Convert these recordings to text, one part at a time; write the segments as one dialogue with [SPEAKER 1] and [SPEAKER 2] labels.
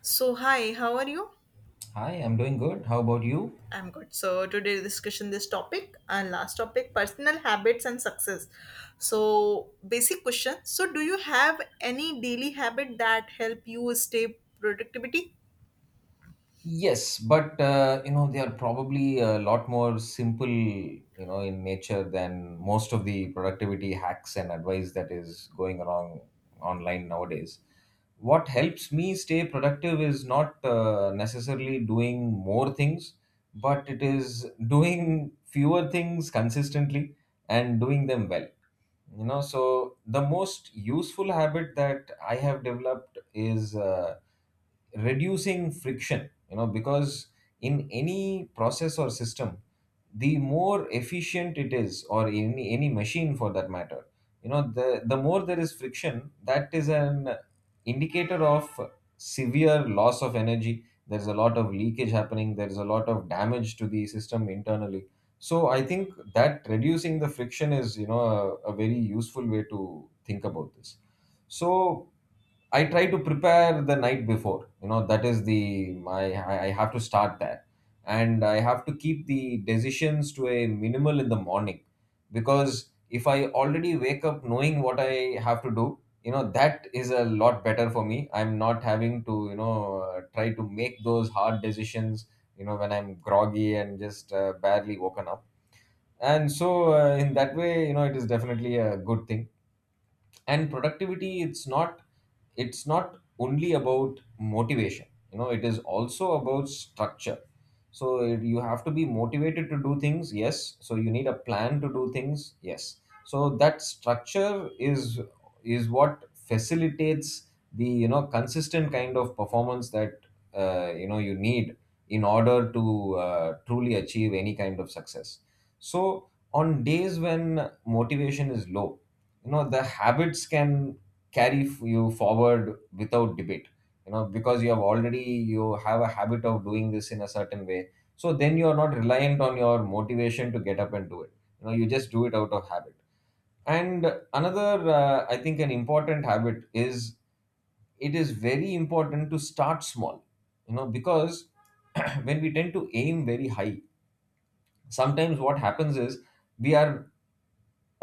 [SPEAKER 1] So hi, how are you?
[SPEAKER 2] Hi, I'm doing good. How about you?
[SPEAKER 1] I'm good. So today discussion this topic and last topic personal habits and success. So basic question. So do you have any daily habit that help you stay productivity?
[SPEAKER 2] Yes, but you know they are probably a lot more simple, you know, in nature than most of the productivity hacks and advice that is going around online nowadays. What helps me stay productive is not necessarily doing more things, but it is doing fewer things consistently and doing them well. You know, so the most useful habit that I have developed is reducing friction, you know, because in any process or system, the more efficient it is, or any machine for that matter, you know, the more there is friction, that is an indicator of severe loss of energy. There's a lot of leakage happening, there's a lot of damage to the system internally. So I think that reducing the friction is, you know, a very useful way to think about this. So I try to prepare the night before. You know, that is the my I have to start that, and I have to keep the decisions to a minimal in the morning, because if I already wake up knowing what I have to do, you know, that is a lot better for me. I'm not having to, you know, try to make those hard decisions, you know, when I'm groggy and just barely woken up. And so in that way, you know, it is definitely a good thing. And productivity, it's not, it's not only about motivation, you know, it is also about structure. So you have to be motivated to do things, yes, so you need a plan to do things, yes. So that structure is what facilitates the, you know, consistent kind of performance that you know you need in order to truly achieve any kind of success. So on days when motivation is low, you know, the habits can carry you forward without debate, you know, because you have already, you have a habit of doing this in a certain way. So then you are not reliant on your motivation to get up and do it, you know, you just do it out of habit. And another, I think an important habit is, it is very important to start small, you know, because when we tend to aim very high, sometimes what happens is, we are,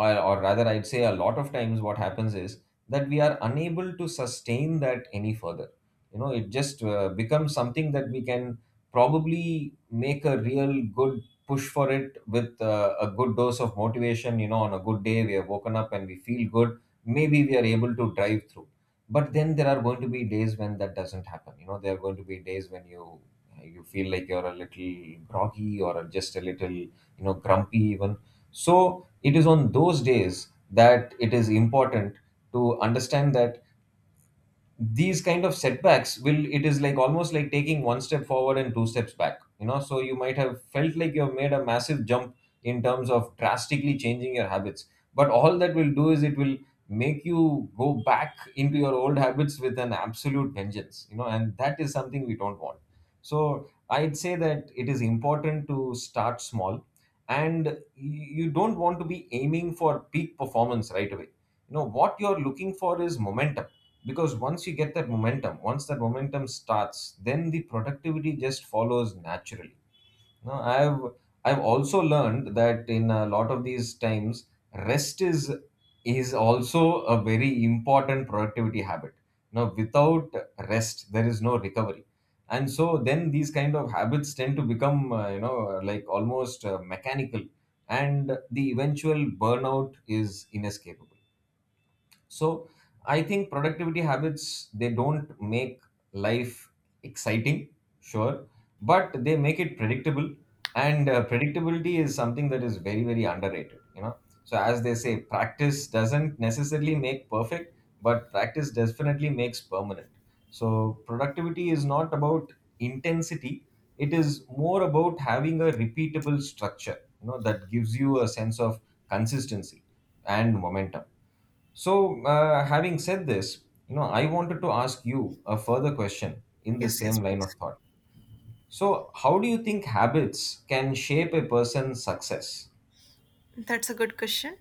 [SPEAKER 2] or rather I'd say a lot of times what happens is that we are unable to sustain that any further. You know, it just becomes something that we can probably make a real good push for it with a good dose of motivation. You know, on a good day we have woken up and we feel good, maybe we are able to drive through. But then there are going to be days when that doesn't happen, you know, there are going to be days when you feel like you're a little groggy or just a little, you know, grumpy even. So it is on those days that it is important to understand that these kind of setbacks will, it is like almost like taking one step forward and two steps back. You know, so you might have felt like you have made a massive jump in terms of drastically changing your habits, but all that will do is it will make you go back into your old habits with an absolute vengeance, you know, and that is something we don't want. So I'd say that it is important to start small, and you don't want to be aiming for peak performance right away. You know, what you're looking for is momentum, because once you get that momentum, once that momentum starts, then the productivity just follows naturally. Now I've also learned that in a lot of these times, rest is also a very important productivity habit. Now without rest there is no recovery, and so then these kind of habits tend to become you know like almost mechanical, and the eventual burnout is inescapable. So I think productivity habits, they don't make life exciting, sure, but they make it predictable. And predictability is something that is very, very underrated, you know. So as they say, practice doesn't necessarily make perfect, but practice definitely makes permanent. So productivity is not about intensity, it is more about having a repeatable structure, you know, that gives you a sense of consistency and momentum. So, having said this, you know, I wanted to ask you a further question in the
[SPEAKER 1] Yes, yes,
[SPEAKER 2] same line of
[SPEAKER 1] please.
[SPEAKER 2] thought. So, how do you think habits can shape a person's success?
[SPEAKER 1] That's a good question.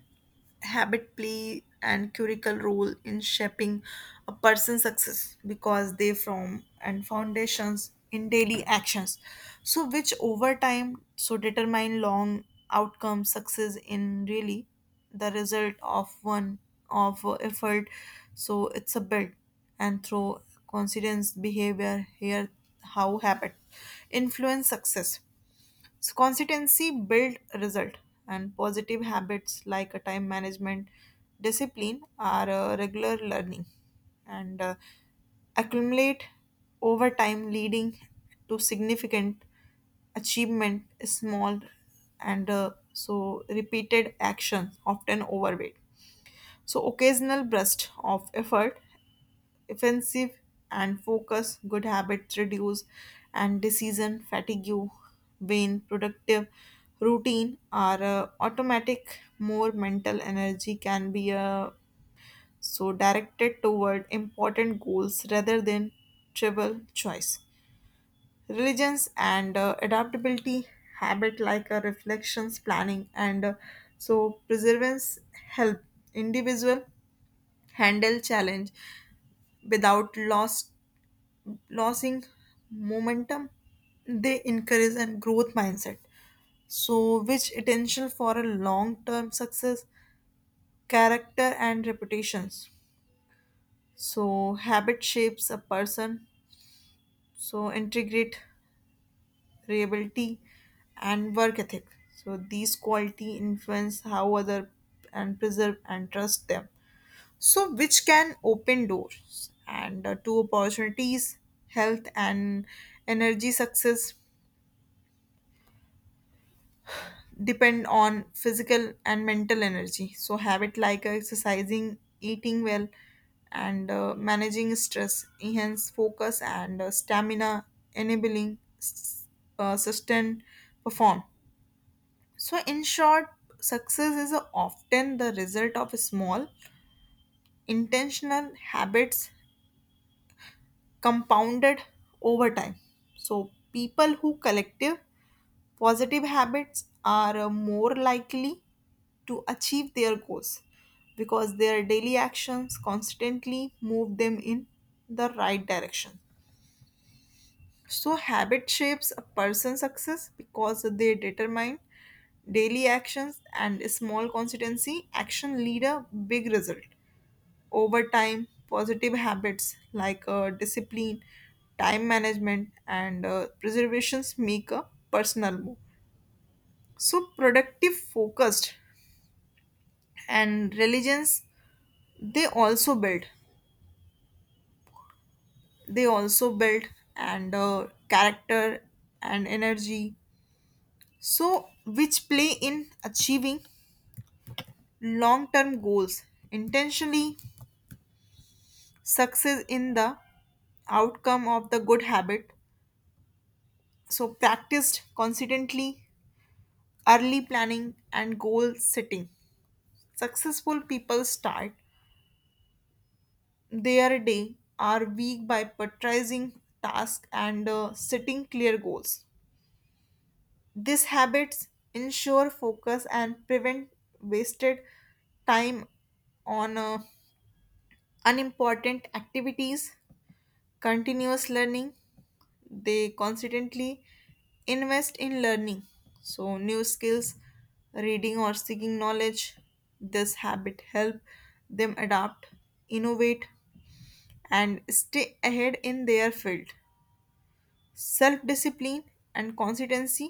[SPEAKER 1] Habit play and curricle role in shaping a person's success because they form and foundations in daily actions. So which over time so determine long outcome success in really the result of one of effort. So it's a build and through coincidence behavior here how habit influence success so consistency build result and positive habits like a time management discipline are regular learning and accumulate over time leading to significant achievement is small and so repeated actions often overweight so occasional burst of effort offensive and focus, good habits reduce and decision fatigue, vain productive routine are automatic, more mental energy can be so directed toward important goals rather than trivial choice. Religions and adaptability habit like reflections, planning and so preservance help individual handle challenge without loss, losing momentum. They encourage and growth mindset. So, which essential for a long-term success, character and reputations. So, habit shapes a person. So, integrate reliability and work ethic. So, these quality influence how other and preserve and trust them. So which can open doors and to opportunities health and energy success depend on physical and mental energy so habit like exercising eating well and managing stress enhance focus and stamina enabling sustained perform so in short success is often the result of small intentional habits compounded over time. So, people who collective positive habits are more likely to achieve their goals because their daily actions constantly move them in the right direction. So, habit shapes a person's success because they determine daily actions and a small consistency action lead a big result. Over time, positive habits like discipline, time management, and preservations make a personal move. So, productive, focused, and religions they also build. They also build and character and energy. So, which play in achieving long term goals intentionally, success in the outcome of the good habit so practiced consistently early planning and goal setting. Successful people start their day or week by prioritizing tasks and setting clear goals. These habits ensure focus and prevent wasted time on unimportant activities continuous learning they constantly invest in learning so new skills reading or seeking knowledge this habit help them adapt innovate and stay ahead in their field self discipline and consistency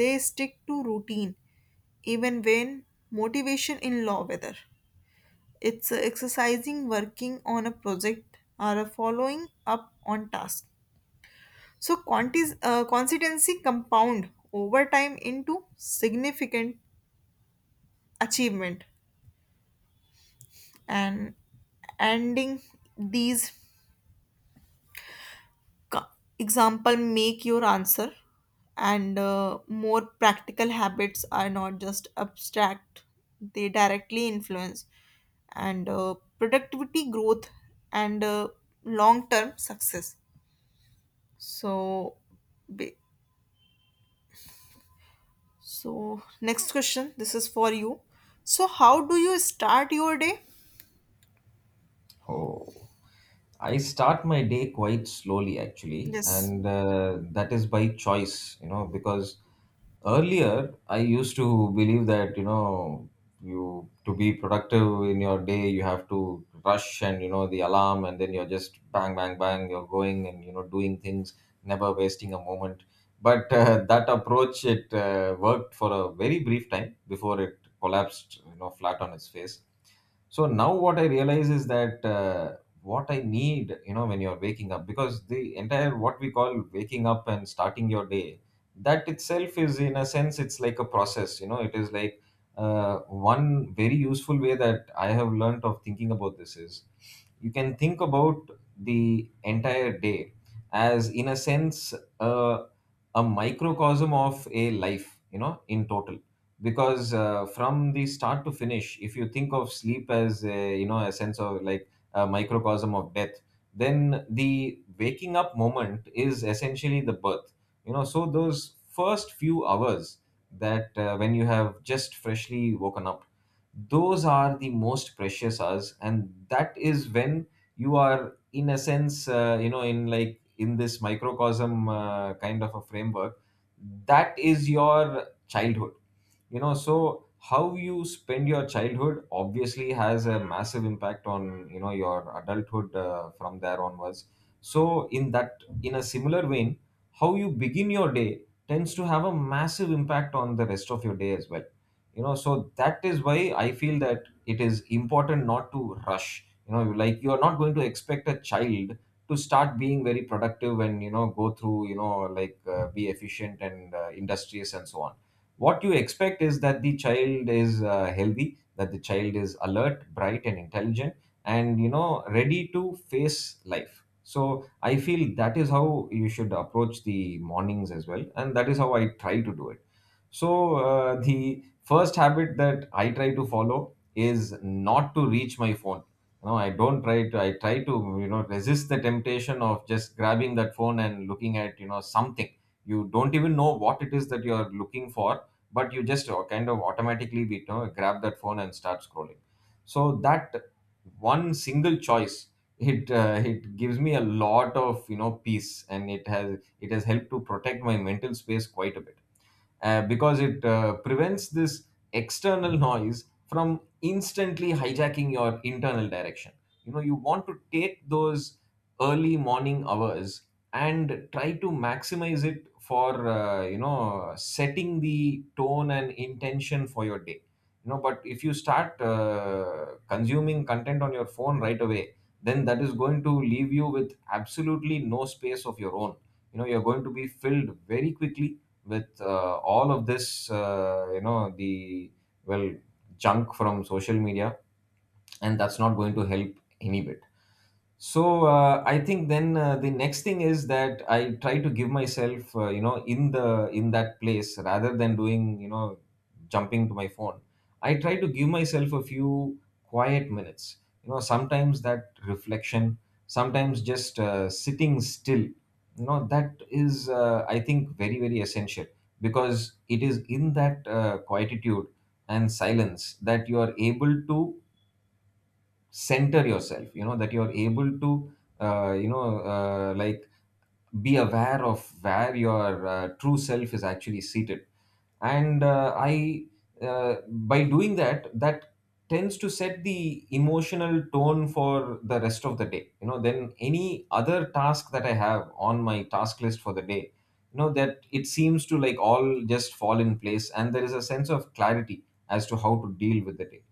[SPEAKER 1] they stick to routine even when motivation in low weather it's exercising working on a project or a following up on task. So consistency compound over time into significant achievement and ending these co- example make your answer and more practical habits are not just abstract they directly influence and productivity growth and long term success so ba- So, next question. This is for you. So, how do you start your day?
[SPEAKER 2] Oh. I start my day quite slowly actually,
[SPEAKER 1] Yes,
[SPEAKER 2] and that is by choice, you know, because earlier I used to believe that, you know, you to be productive in your day, you have to rush and, you know, the alarm, and then you're just bang, bang, bang, you're going and, you know, doing things, never wasting a moment. But that approach, it worked for a very brief time before it collapsed, you know, flat on its face. So now what I realize is that, what I need, you know, when you're waking up, because the entire what we call waking up and starting your day, that itself is in a sense, it's like a process. You know, it is like uh, one very useful way that I have learned of thinking about this is, you can think about the entire day as in a sense, uh, a microcosm of a life, you know, in total. Because from the start to finish, if you think of sleep as a, you know, a sense of like a microcosm of death, then the waking up moment is essentially the birth. You know, so those first few hours that when you have just freshly woken up, those are the most precious hours, and that is when you are in a sense, you know, in like in this microcosm, kind of a framework, that is your childhood. You know, so how you spend your childhood obviously has a massive impact on, you know, your adulthood from there onwards. So in that, in a similar vein, how you begin your day tends to have a massive impact on the rest of your day as well. You know, so that is why I feel that it is important not to rush. You know, like you are not going to expect a child to start being very productive and, you know, go through, you know, like be efficient and industrious and so on. What you expect is that the child is healthy, that the child is alert, bright and intelligent, and you know, ready to face life. So I feel that is how you should approach the mornings as well, and that is how I try to do it. So, the first habit that I try to follow is not to reach my phone. No, I don't try to, I try to, you know, resist the temptation of just grabbing that phone and looking at, you know, something. You don't even know what it is that you are looking for, but you just kind of automatically, you know, grab that phone and start scrolling. So, that one single choice. It, it gives me a lot of, you know, peace, and it has helped to protect my mental space quite a bit, because it prevents this external noise from instantly hijacking your internal direction. You know, you want to take those early morning hours and try to maximize it for, you know, setting the tone and intention for your day. You know, but if you start consuming content on your phone right away, then that is going to leave you with absolutely no space of your own. You know, you're going to be filled very quickly with all of this, you know, the, well, junk from social media, and that's not going to help any bit. So I think then the next thing is that I try to give myself, you know, in the in that place, rather than doing, you know, jumping to my phone, I try to give myself a few quiet minutes. You know, sometimes that reflection, sometimes just sitting still, you know, that is I think very, very essential, because it is in that quietude and silence that you are able to center yourself. You know, that you're able to you know, like be aware of where your true self is actually seated. And I by doing that, that tends to set the emotional tone for the rest of the day. You know, then any other task that I have on my task list for the day, you know, that, it seems to like all just fall in place, and there is a sense of clarity as to how to deal with the day.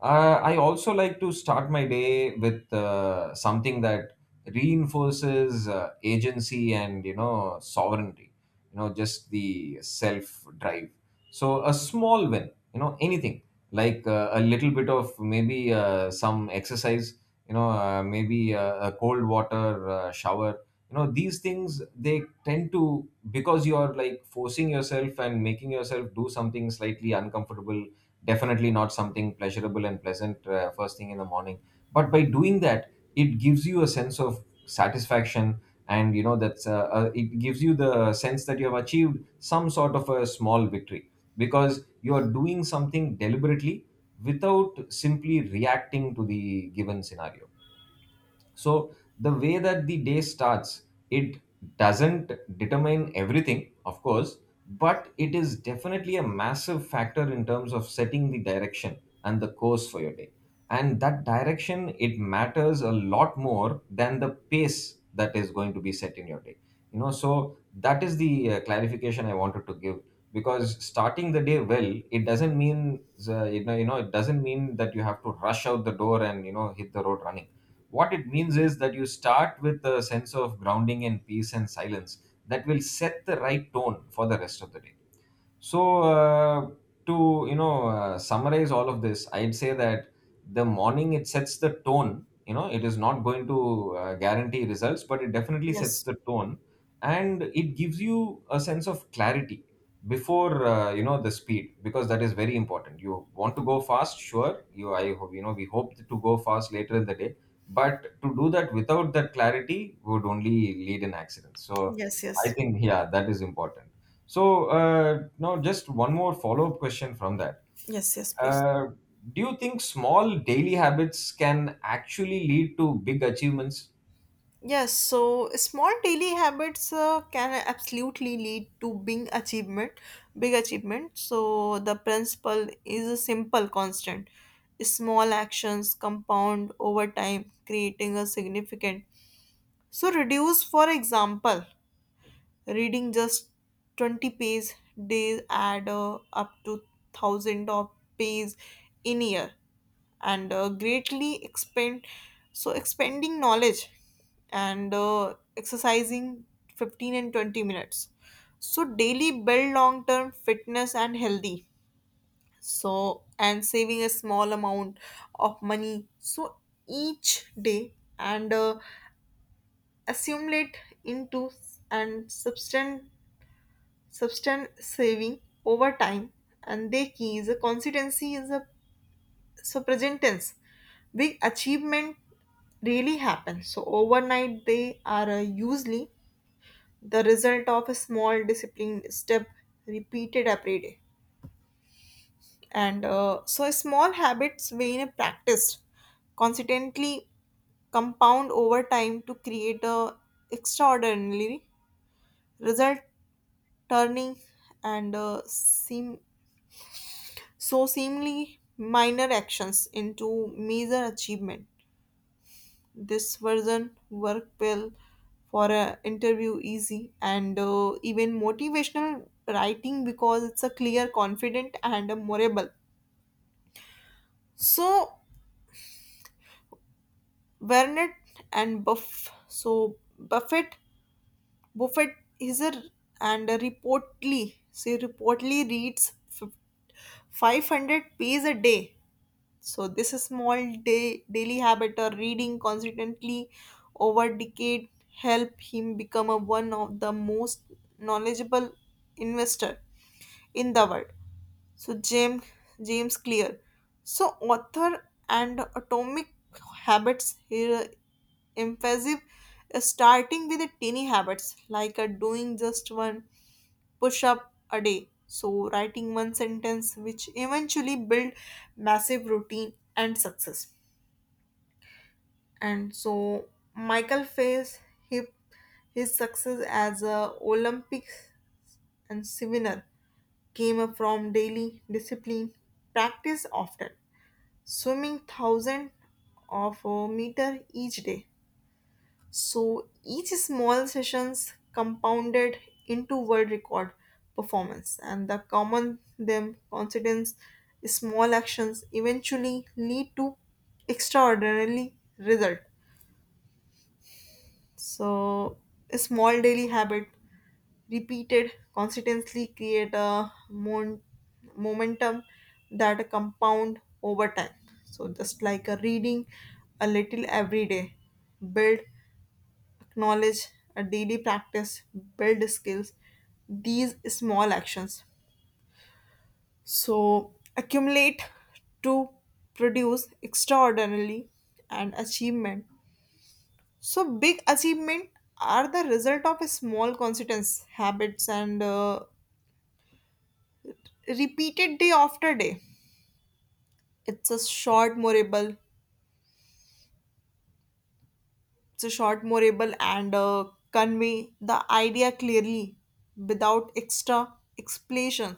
[SPEAKER 2] I also like to start my day with something that reinforces agency and, you know, sovereignty. You know, just the self drive. So a small win. You know, anything like a little bit of maybe some exercise. You know, maybe a cold water shower. You know, these things, they tend to, because you are like forcing yourself and making yourself do something slightly uncomfortable, definitely not something pleasurable and pleasant first thing in the morning. But by doing that, it gives you a sense of satisfaction, and you know that's it gives you the sense that you have achieved some sort of a small victory, because you are doing something deliberately, without simply reacting to the given scenario. So the way that the day starts, it doesn't determine everything, of course, but it is definitely a massive factor in terms of setting the direction and the course for your day. And that direction, it matters a lot more than the pace that is going to be set in your day. You know, so that is the clarification I wanted to give, because starting the day well, it doesn't mean, you know, you know, it doesn't mean that you have to rush out the door and, you know, hit the road running. What it means is that you start with a sense of grounding and peace and silence that will set the right tone for the rest of the day. So, to, you know, summarize all of this, I'd say that the morning, it sets the tone. You know, it is not going to guarantee results, but it definitely sets
[SPEAKER 1] yes,
[SPEAKER 2] the tone, and it gives you a sense of clarity before, you know, the speed, because that is very important. You want to go fast, sure. You, I hope, you know, we hope to go fast later in the day, but to do that without that clarity would only lead in accidents. So,
[SPEAKER 1] yes,
[SPEAKER 2] I
[SPEAKER 1] yes,
[SPEAKER 2] think yeah, that is important. So now just one more follow-up question from that.
[SPEAKER 1] yes, yes, please.
[SPEAKER 2] Uh, do you think small daily habits can actually lead to big achievements?
[SPEAKER 1] Yes, so small daily habits can absolutely lead to big achievement, big achievement. So the principle is a simple constant. Small actions compound over time, creating a significant. So reduce, for example, reading just 20 pages days add up to thousand of pages in year and greatly expand so expanding knowledge and exercising 15 and 20 minutes so daily build long term fitness and healthy so and saving a small amount of money so each day and assimilate into and substance saving over time and the key is a consistency is a so present tense big achievement really happen so overnight they are usually the result of a small disciplined step repeated every day and so small habits when practiced consistently compound over time to create a extraordinary result turning and seem so seemingly minor actions into major achievement. This version work well for an interview, easy and even motivational writing because it's a clear, confident, and memorable. So Burnett and Buff, so Buffett, Buffett is a and a reportedly reads f- 500 pages a day. So this is small daily habit or reading consistently over decade help him become a one of the most knowledgeable investor in the world. So James Clear. So author and atomic habits here emphasis is starting with the tiny habits like a doing just one push up a day. So, writing one sentence, which eventually build massive routine and success. And so, Michael faced his, his success as a Olympics and swimmer came up from daily discipline, practice often, swimming thousand of a meter each day. So each small sessions compounded into world record performance and the common them confidence small actions eventually lead to extraordinary result. So a small daily habit repeated consistently create a momentum that compound over time. So just like a reading a little every day build knowledge, a daily practice, build skills, these small actions. So accumulate to produce extraordinarily and achievement. So big achievement are the result of a small consistence habits and repeated day after day. It's a short morable. It's a short morable and convey the idea clearly without extra explanation.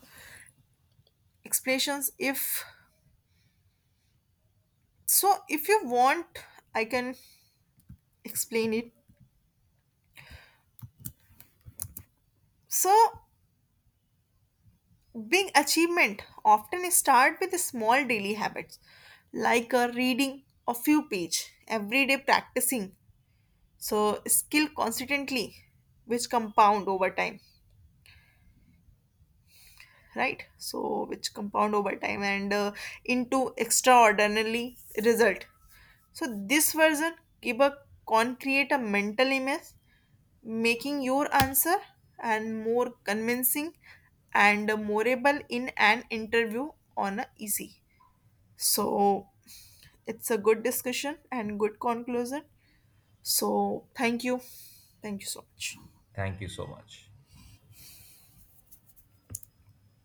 [SPEAKER 1] Explanations if so if you want I can explain it so big achievement often start with small daily habits like reading a few page every day practicing so skill consistently which compound over time right so which compound over time and into extraordinarily result so this version give a concrete a mental image making your answer and more convincing and memorable in an interview on a easy so it's a good discussion and good conclusion so thank you so much.
[SPEAKER 2] Thank you so much.